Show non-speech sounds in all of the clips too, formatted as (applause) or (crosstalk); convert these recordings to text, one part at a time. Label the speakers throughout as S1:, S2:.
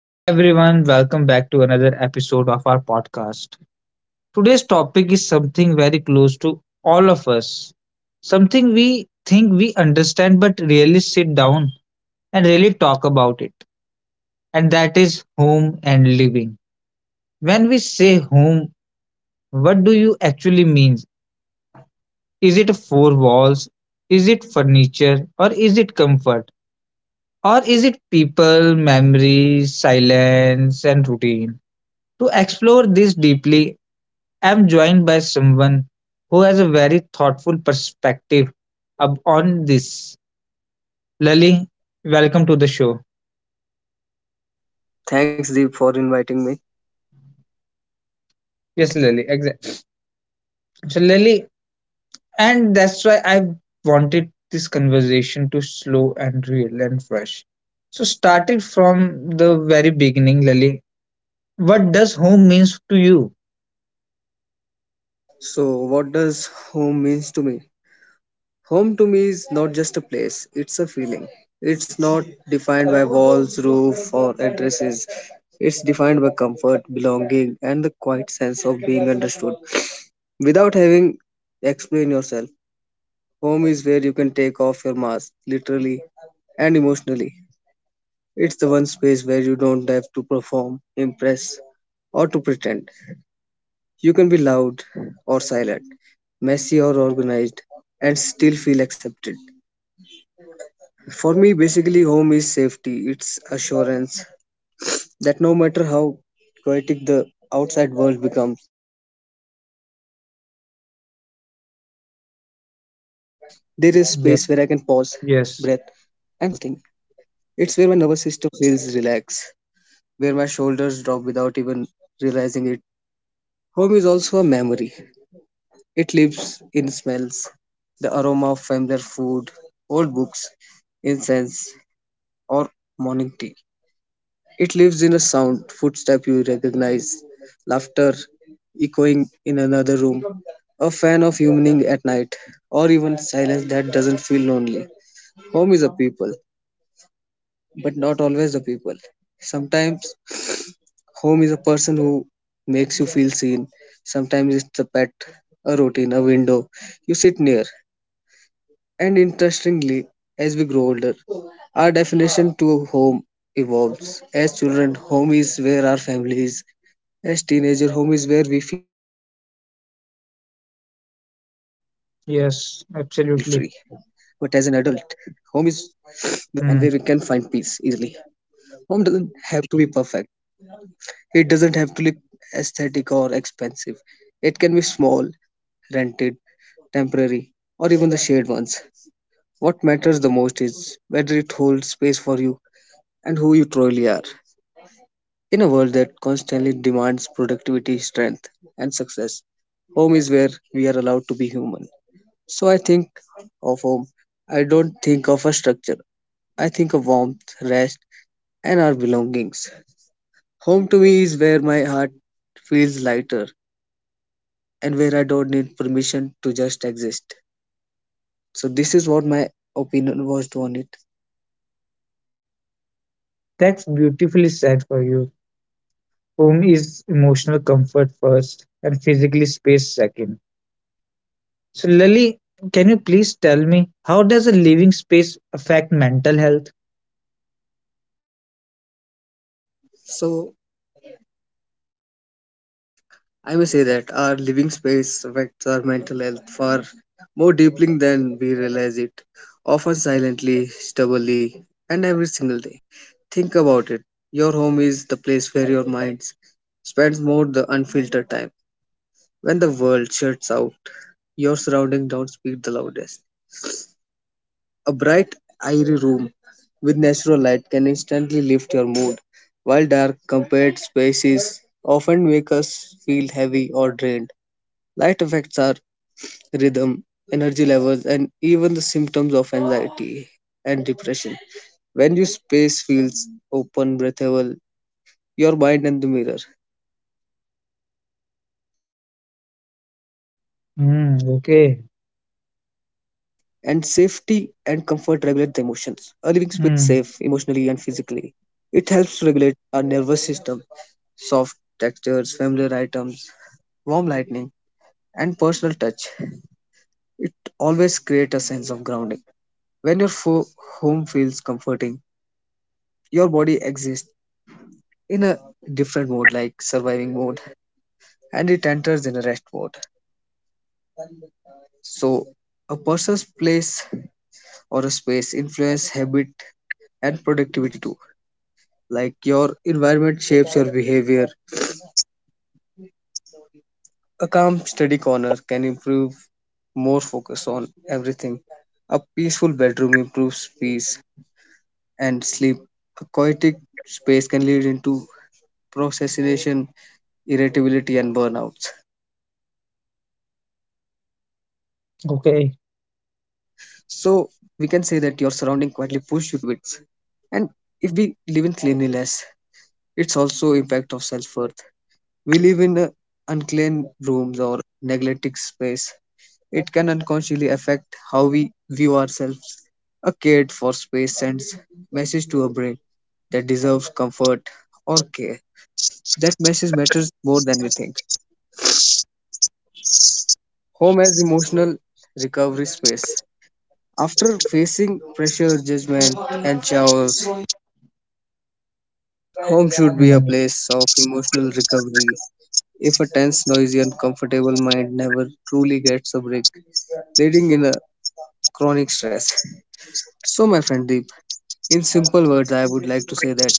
S1: Hello, everyone. Welcome back to another episode of our podcast. Today's topic is something very close to all of us, something we think we understand but really sit down and really talk about it. And that is home and living. When we say home, what do you actually mean? Is it four walls? Is it furniture? Or is it comfort? Or is it people, memories, silence, and routine? To explore this deeply, I'm joined by someone who has a very thoughtful perspective on this. Lily, welcome to the show.
S2: Thanks, Deep, for inviting me.
S1: Yes, Lily, exactly. So, Lily, and that's why I wanted this conversation to slow and real and fresh. So, started from the very beginning, Lily. What does home means to you?
S2: So, what does home means to me? Home to me is not just a place; it's a feeling. It's not defined by walls, roof, or addresses. It's defined by comfort, belonging, and the quiet sense of being understood. Without having explain yourself, home is where you can take off your mask, literally and emotionally. It's the one space where you don't have to perform, impress, or to pretend. You can be loud or silent, messy or organized, and still feel accepted. For me, basically, home is safety, it's assurance that no matter how chaotic the outside world becomes, there is space where I can pause, breathe, and reset my all thing.
S1: Yes,
S2: It's where my
S1: yes,
S2: nervous system feels relaxed, where my shoulders drop without even realizing it. Home is also a memory. It lives in smells, the aroma of familiar food, old books, incense, or morning tea. It lives in a sound, footstep you recognize, laughter echoing in another room, a fan of evening at night, or even silence that doesn't feel lonely. Home is a people, but not always a people. Sometimes home is a person who makes you feel seen. Sometimes it's a pet, a routine, a window you sit near. And interestingly, as we grow older, our definition to home evolves. As children, home is where our family is. As teenager, home is where we feel free. But as an adult, home is where we
S1: yes,
S2: become
S1: absolutely.
S2: and where we can find peace easily. Home
S1: Hmm.
S2: doesn't have to be perfect. It doesn't have to look aesthetic or expensive. It can be small, rented, temporary, or even the shared ones. What matters the most is whether it holds space for you and who you truly are. In a world that constantly demands productivity, strength, and success, home is where we are allowed to be human. So I think of home, I don't think of a structure. I think of warmth, rest, and our belongings. Home to me is where my heart feels lighter and where I don't need permission to just exist. So, this is what my opinion was on it.
S1: That's beautifully said for you. Home is emotional comfort first and physically space second. So, Lily, can you please tell me how does a living space affect mental health?
S2: So, I may say that our living space affects our mental health far more deeply than we realize it, often silently, stubbornly, and every single day. Think about it. Your home is the place where your mind spends more the unfiltered time. When the world shuts out, your surroundings don't speak the loudest. A bright, airy room with natural light can instantly lift your mood, while dark, compared spaces often make us feel heavy or drained. Light affects our rhythm, energy levels, and even the symptoms of anxiety and depression. When your space feels open, breathable, your mind and the mirror, and safety and comfort
S1: Mm,
S2: regulate the
S1: okay.
S2: emotions. A living space that feels safe emotionally and physically. It helps
S1: Mm,
S2: to regulate our nervous system. Soft textures, familiar items, warm lighting, and personal touch. It always creates a sense of grounding. When your home feels comforting, your body exists in a different mode like surviving mode and it enters in a rest mode. So a person's place or a space influence habit and productivity too, like your environment shapes your behavior. A calm study corner can improve more focus on everything. A peaceful bedroom improves peace and sleep. A chaotic space can lead into procrastination, irritability, and burnouts. So we can say that your surrounding quietly push you
S1: okay.
S2: towards certain good habits. And if we live in cleanliness, it's also impact of self-worth. We live in unclean rooms or neglected space. It can unconsciously affect how we view ourselves. A cared for space sends message to a brain that deserves comfort or care. That message matters more than we think. Home as emotional recovery space. After facing pressure, judgment, and chaos, home should be a
S1: Mm,
S2: place of emotional recovery. If a tense, noisy, uncomfortable mind never truly gets a break, leading in a chronic stress. So, my friend Deep, in simple words, I would like to say that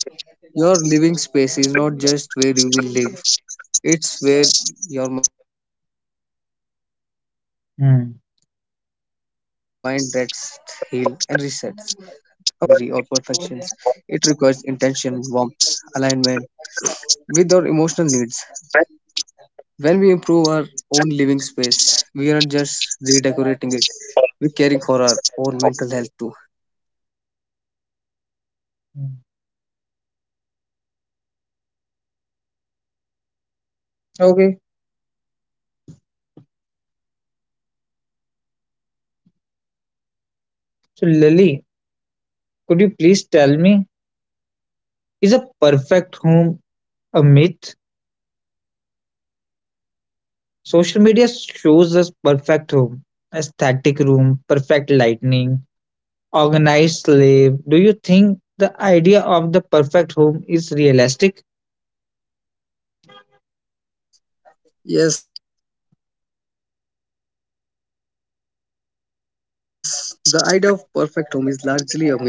S2: your living space is not just where you will live; it's where your mind rests, heals, and resets.
S1: mm,
S2: A peaceful space doesn't require luxury or perfections. It requires intention, warmth, alignment with our emotional needs. When we improve our own living space, we aren't just redecorating it, we're caring for our own mental health too.
S1: mm. Okay. So, Lily, could you please tell me, is a perfect home a myth? Social media shows us perfect home, aesthetic room, perfect lightning, organized slave. Do you think the idea of the perfect home is realistic?
S2: Yes, the idea of perfect home is largely a myth to me, and I guess all of the listeners too,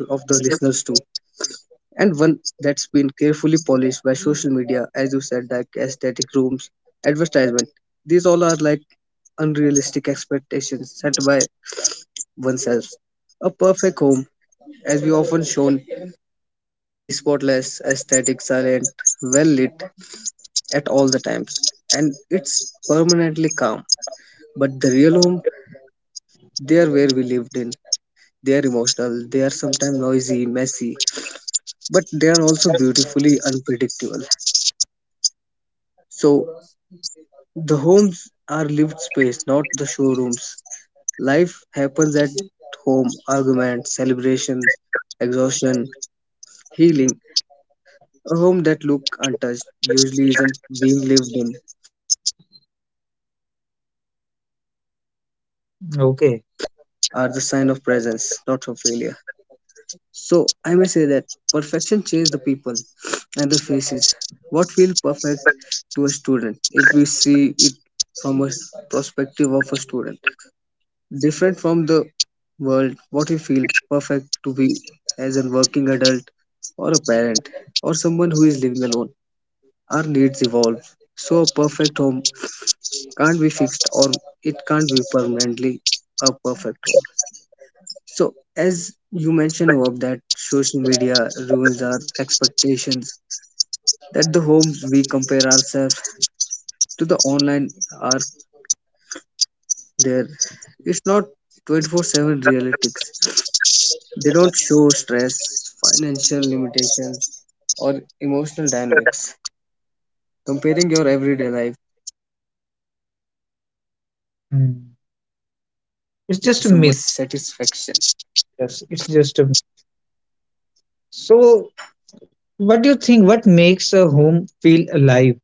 S2: and one that's been carefully polished by social media, as you said, like aesthetic rooms, advertisement. These all are like unrealistic expectations set by oneself. A perfect home, as we often shown, is spotless, aesthetic, silent, well lit at all the times, and it's permanently calm. But the real home, they are where we lived in. They are emotional, they are sometimes noisy, messy, but they are also beautifully unpredictable. So the homes are lived space, not the showrooms. Life happens at home, arguments, celebrations, exhaustion, healing. A home that look untouched usually isn't being lived in. Marks on wall, unmade beds, and a clutter
S1: Okay.
S2: are the sign of presence, not of failure. So I may say that perfection changes the people and the faces. What feels perfect to a student if we see it from a perspective of a student? Different from the world what you feel perfect to be as a working adult or a parent or someone who is living alone. Our needs evolve, so a perfect home can't be fixed or it can't be permanently a perfect home. So, as you mentioned above, that social media ruins our expectations, that the homes we compare ourselves to the online are there. It's not 24/7 realities. They don't show stress, financial limitations, or emotional dynamics. Comparing your everyday life to someone else, highlight
S1: Hmm.
S2: reels create
S1: It's
S2: unnecessary
S1: just a myth.
S2: dissatisfaction.
S1: Yes, it's just a myth. So, what do you think? What makes a home feel alive?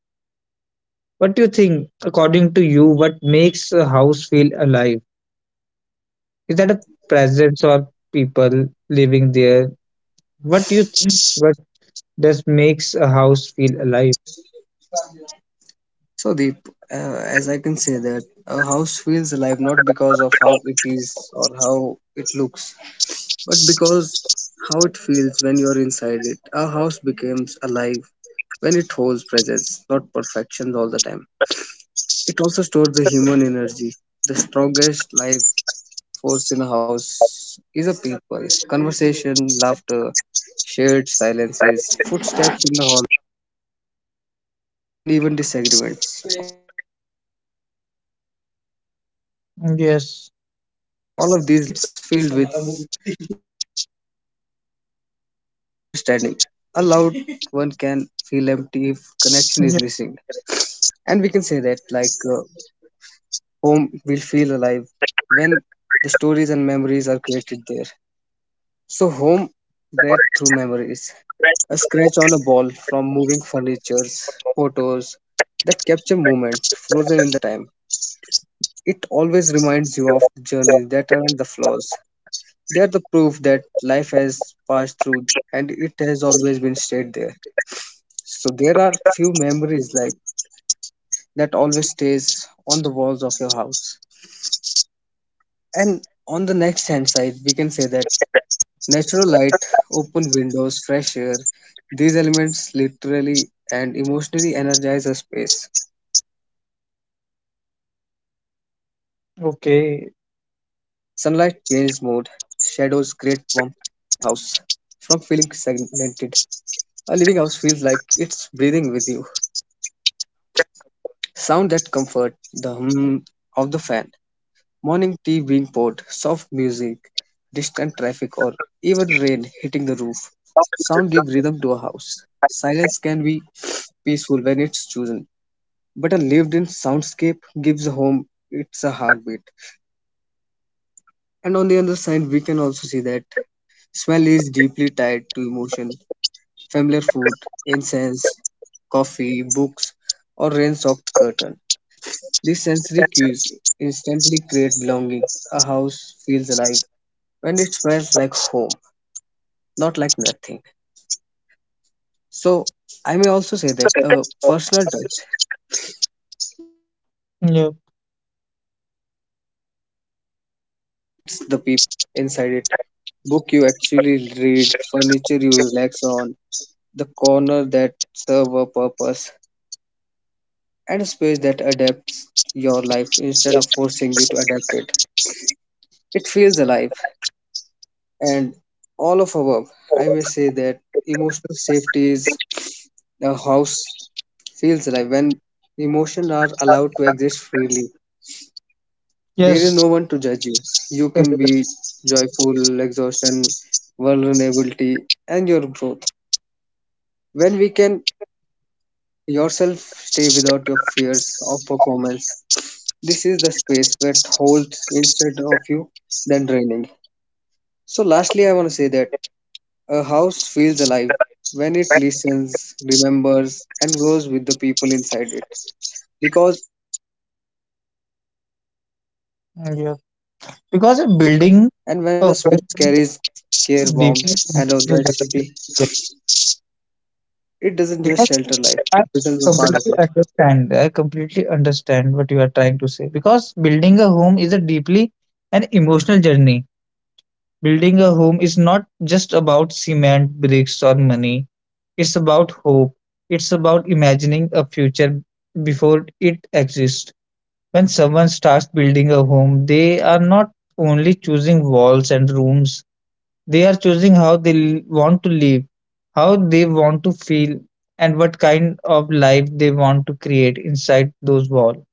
S1: What do you think, according to you, what makes a house feel alive? Is that a presence or people living there? What do you think? What does makes a house feel alive?
S2: So Deep, as I can say that a house feels alive not because of how it is or how it looks, but because how it feels when you're inside it. A house becomes alive when it holds presence, not perfections all the time. It also stores the human energy. The strongest life force in a house is a people. Conversation, laughter, shared silences, footsteps in the hall, and even disagreements. All of these leave emotional imprints. A quiet house
S1: Yes.
S2: can feel alive if it's filled with understanding. A loud one can feel empty if connection is missing. And we can
S1: Yeah.
S2: say that, like, home will feel alive when the stories and memories are created there. So, home bred through memories. A scratch on a ball from moving furniture, photos that capture moment frozen in the time. It always reminds you of the journeys that aren't the flaws. They are the proof that life has passed through and it has always been stayed there. So there are few memories like that always stays on the walls of your house. And on the next hand side, we can say that natural light, open windows, fresh air, these elements literally and emotionally energize a space. Sunlight changes mood, shadows create warmth,
S1: Okay.
S2: and moving air keeps a house from feeling segmented. A living house feels like it's breathing with you. Sound that comfort, the hum of the fan, morning tea being poured, soft music, distant traffic, or even rain hitting the roof. Sound give rhythm to a house. Silence can be peaceful when it's chosen, but a lived in soundscape gives a home its a heartbeat. And on the other side, we can also see that smell is deeply tied to emotion. Familiar food, incense, coffee, books, or rain soaked curtain. These sensory cues instantly create belonging. A house feels alive when it smells like home, not like nothing. So I may also say that a personal touch, like
S1: Yeah.
S2: a house, comes alive when it reflects the people inside it. Book you actually read, furniture you relax on, the corner that serve a purpose, and a space that adapts your life instead of forcing you to adapt it. It feels alive, and all of above. I may say that emotional safety is a house feels alive, when emotions are allowed to exist freely. There is
S1: Yes.
S2: no one to judge you. You can
S1: (laughs)
S2: be joyful, exhaustion, vulnerability, and your growth. When we can yourself stay without your fears of performance. This is the space that holds instead of you than draining. So lastly I want to say that a house feels alive when it listens, remembers and grows with the people inside it. Because in the end, life doesn't come from decor or design,
S1: Yeah.
S2: it comes from
S1: Because a
S2: connection.
S1: building
S2: And
S1: a
S2: when a
S1: home.
S2: space carries care, warmth,
S1: Different
S2: and
S1: functional development.
S2: authenticity,
S1: Yes,
S2: it doesn't
S1: because
S2: just shelter life,
S1: I
S2: it becomes a part of
S1: completely
S2: it.
S1: understand. I completely understand what you are trying to say, because building a home is a deeply an emotional journey. Building a home is not just about cement, bricks, or money. It's about hope. It's about imagining a future before it exists. When someone starts building a home, they are not only choosing walls and rooms. They are choosing how want to live, how they want to feel, and what kind of life they want to create inside those walls.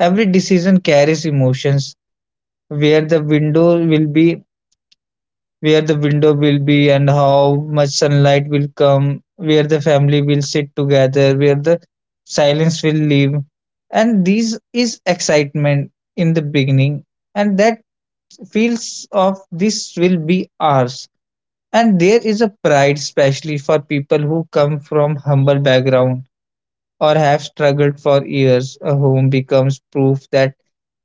S1: Every decision carries emotions: where the window will be, and how much sunlight will come, where the family will sit together, where the silence will leave. And this is excitement in the beginning, and that feels of this will be ours. And there is a pride, especially for people who come from humble background or have struggled for years. A home becomes proof that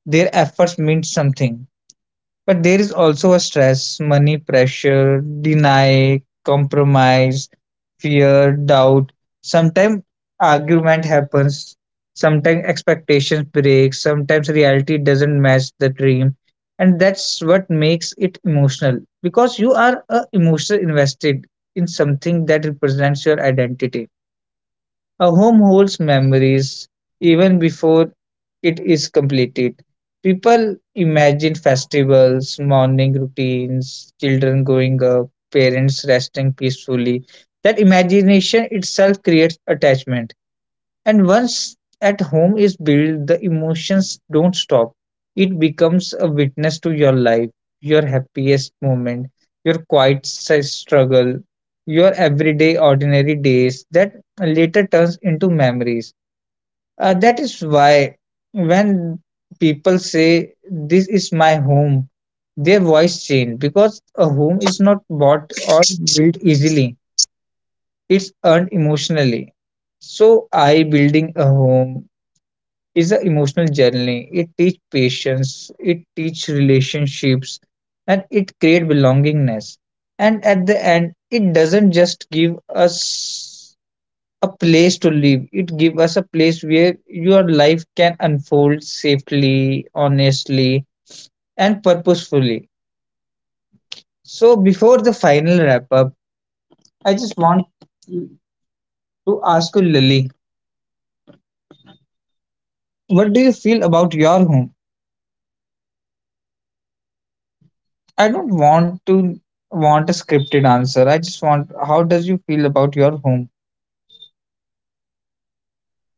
S1: their efforts meant something. But there is also a stress, money pressure, deny, compromise, fear, doubt. Sometimes argument happens, sometimes expectations break, sometimes reality doesn't match the dream. And that's what makes it emotional, because you are emotionally invested in something that represents your identity. A home holds memories even before it is completed. People imagine festivals, morning routines, children growing up, parents resting peacefully. That imagination itself creates attachment. And once at home is built, the emotions don't stop. It becomes a witness to your life, your happiest moment, your struggle, your everyday ordinary days that later turns into memories. That is why when people say this is my home, their voice change because a home is not bought or built easily. It's earned emotionally. So I building a home is an emotional journey. It teach patience, it teach relationships, and it create belongingness. And at the end, it doesn't just give us a place to live. It give us a place where your life can unfold safely, honestly, and purposefully. So before the final wrap up, I just want to ask you, Lily, what do you feel about your home?
S2: Yes, Deep, you can ask.
S1: I don't want to want a scripted answer. I just want how does you feel about your home?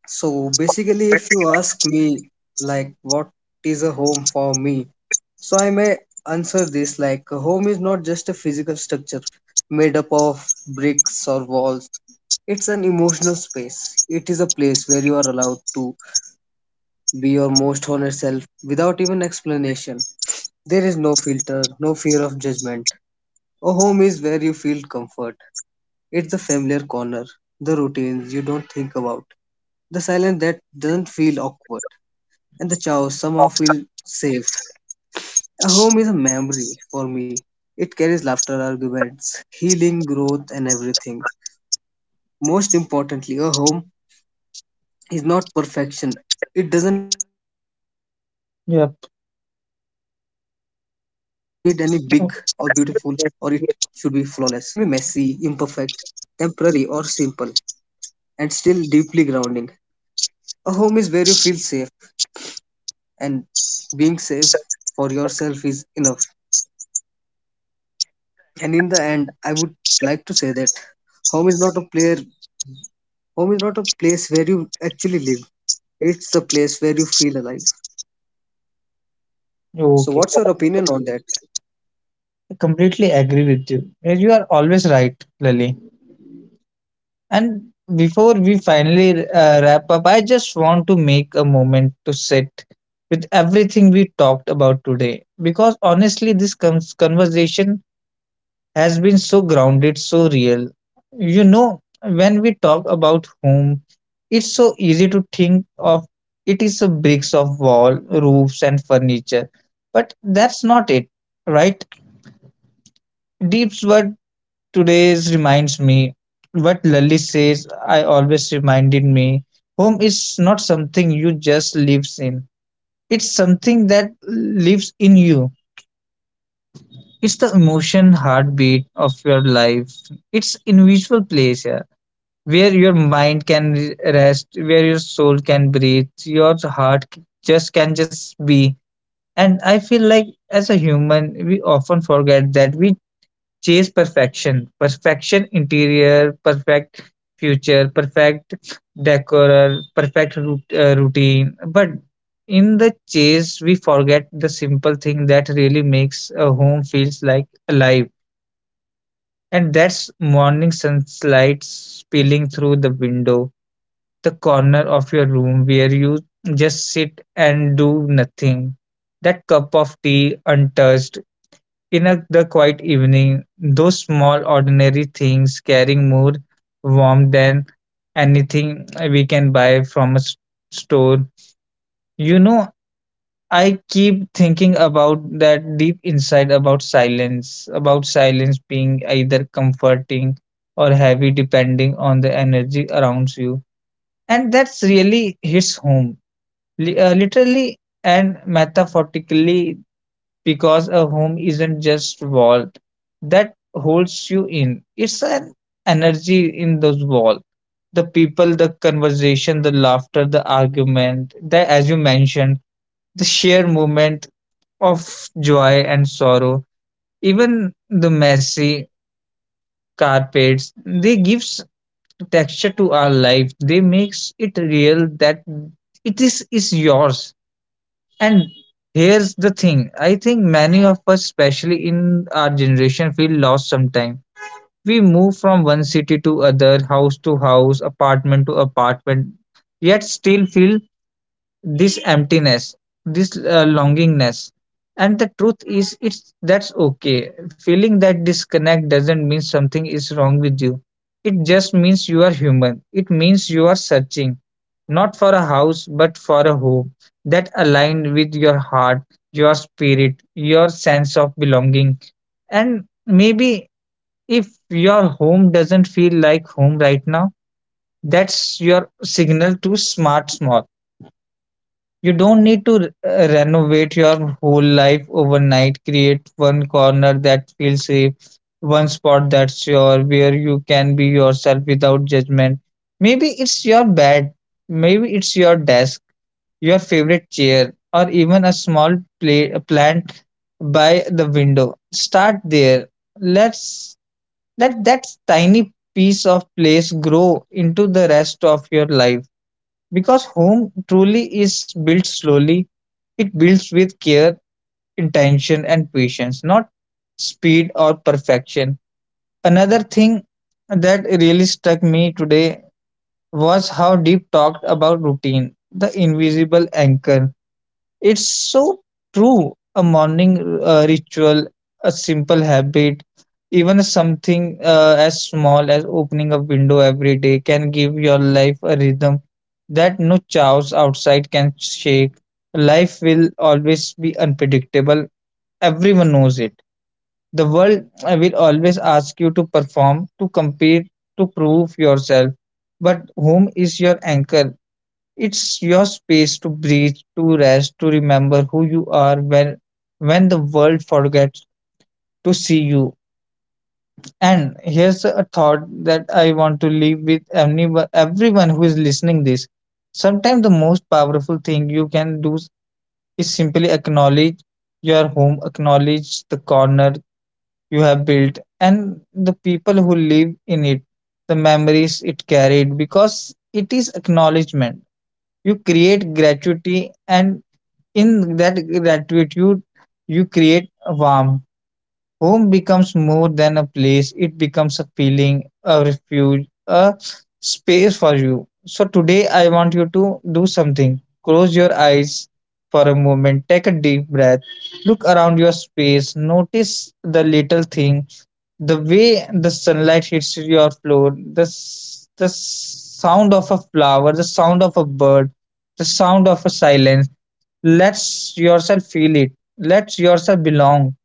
S2: So basically, if you ask me, like, what is a home for me? So I may answer this like, a home is not just a physical structure made up of bricks or walls. It's an emotional space. It is a place where you are allowed to be your most honest self without even explanation. There is no filter, no fear of judgment. A home is where you feel comfort. It's the familiar corner, the routines you don't think about, the silence that doesn't feel awkward, and the chaos somehow feel safe. A home is a memory for me. It carries laughter, arguments, healing, growth, and everything. Most importantly, a home is not perfection. It doesn't need any big or beautiful,
S1: Yep.
S2: or it should be flawless. A home can be messy, imperfect, temporary, or simple, and still deeply grounding. A home is where you feel safe, and being safe for yourself is enough. And in the end, I would like to say that home is not a place. Home is not a place where you actually live. It's the place where you feel alive. So,
S1: Okay.
S2: what's your opinion on that?
S1: I completely agree with you. Yes, you are always right, Lily. And before we finally wrap up, I just want to make a moment to sit with everything we talked about today. Because honestly, this conversation has been so grounded, so real. You know, when we talk about home, it's so easy to think of it is a bricks of wall, roofs, and furniture. But that's not it, right? Deep's word today's reminds me what Lally says, I always reminded me home is not something you just lives in, it's something that lives in you. It's the emotion heartbeat of your life. It's individual place, where your mind can rest, where your soul can breathe, your just can just be. And I feel like as a human we often forget that we chase perfection, perfection interior, perfect future, perfect decor, perfect routine, but in the chase we forget the simple thing that really makes a home feels like alive. And that's morning sunlight spilling through the window, the corner of your room where you just sit and do nothing. That cup of tea untouched in a, the quiet evening, those small ordinary things carrying more warmth than anything we can buy from a store. You know, I keep thinking about that deep insight about silence being either comforting or heavy depending on the energy around you. And that's really hits home, literally and metaphorically, because a home isn't just wall that holds you in, it's an energy in those wall, the people, the conversation, the laughter, the argument, the, as you mentioned, the sheer moment of joy and sorrow, even the messy carpets, they gives texture to our life, they makes it real, that it is yours. And here's the thing, I think many of us, especially in our generation, feel lost sometimes. We move from one city to other, house to house, apartment to apartment, yet still feel this emptiness, this longingness, and the truth is it's that's okay feeling, that disconnect doesn't mean something is wrong with you, it just means you are human, it means you are searching not for a house but for a home that aligned with your heart, your spirit, your sense of belonging. And maybe if your home doesn't feel like home right now, that's your signal to smart small. You don't need to renovate your whole life overnight. Create one corner that feels safe, one spot that's your where you can be yourself without judgment. Maybe it's your bed, maybe it's your desk, your favorite chair, or even a small plant by the window. Start there. Let's Let that tiny piece of place grow into the rest of your life, because home truly is built slowly, it builds with care, intention, and patience, not speed or perfection. Another thing that really struck me today was how Deep talked about routine, the invisible anchor, it's so true. A morning ritual, a simple habit, even something as small as opening a window every day can give your life a rhythm that no chaos outside can shake. Life will always be unpredictable. Everyone knows it. The world will always ask you to perform, to compete, to prove yourself. But whom is your anchor? It's your space to breathe, to rest, to remember who you are when the world forgets to see you. And here's a thought that I want to leave with anyone, everyone who is listening this. Sometimes the most powerful thing you can do is simply acknowledge your home, acknowledge the corner you have built and the people who live in it, the memories it carried, because it is acknowledgement. You create gratuity and in that gratitude, you create a warmth. Home becomes more than a place, it becomes a feeling, a refuge, a space for you. So, today I want you to do something. Close your eyes for a moment, take a deep breath, look around your space, notice the little thing, the way the sunlight hits your floor, the sound of a flower, the sound of a bird, the sound of a silence. Let yourself feel it. Let yourself belong,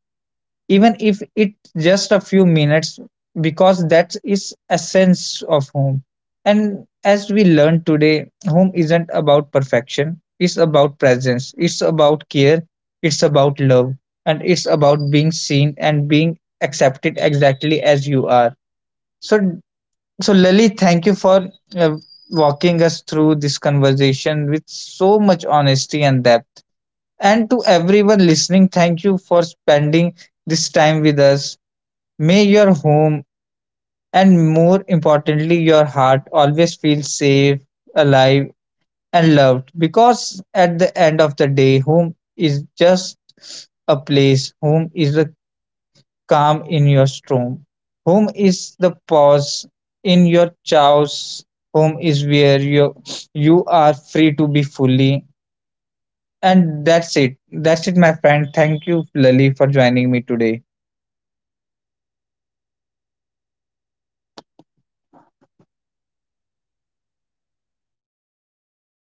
S1: even if it just a few minutes, because that is essence of home. And as we learned today, home isn't about perfection, it's about presence, it's about care, it's about love, and it's about being seen and being accepted exactly as you are. So so, Lily, thank you for uh, walking us through this conversation with so much honesty and depth. And to everyone listening, thank you for spending this time with us. May your home, and more importantly, your heart, always feel safe, alive, and loved. Because at the end of the day, home is just a place, home is the calm in your storm, home is the pause in your chaos, home is where you are free to be fully. And that's it. That's it, my friend. Thank you, Lali, for joining me today.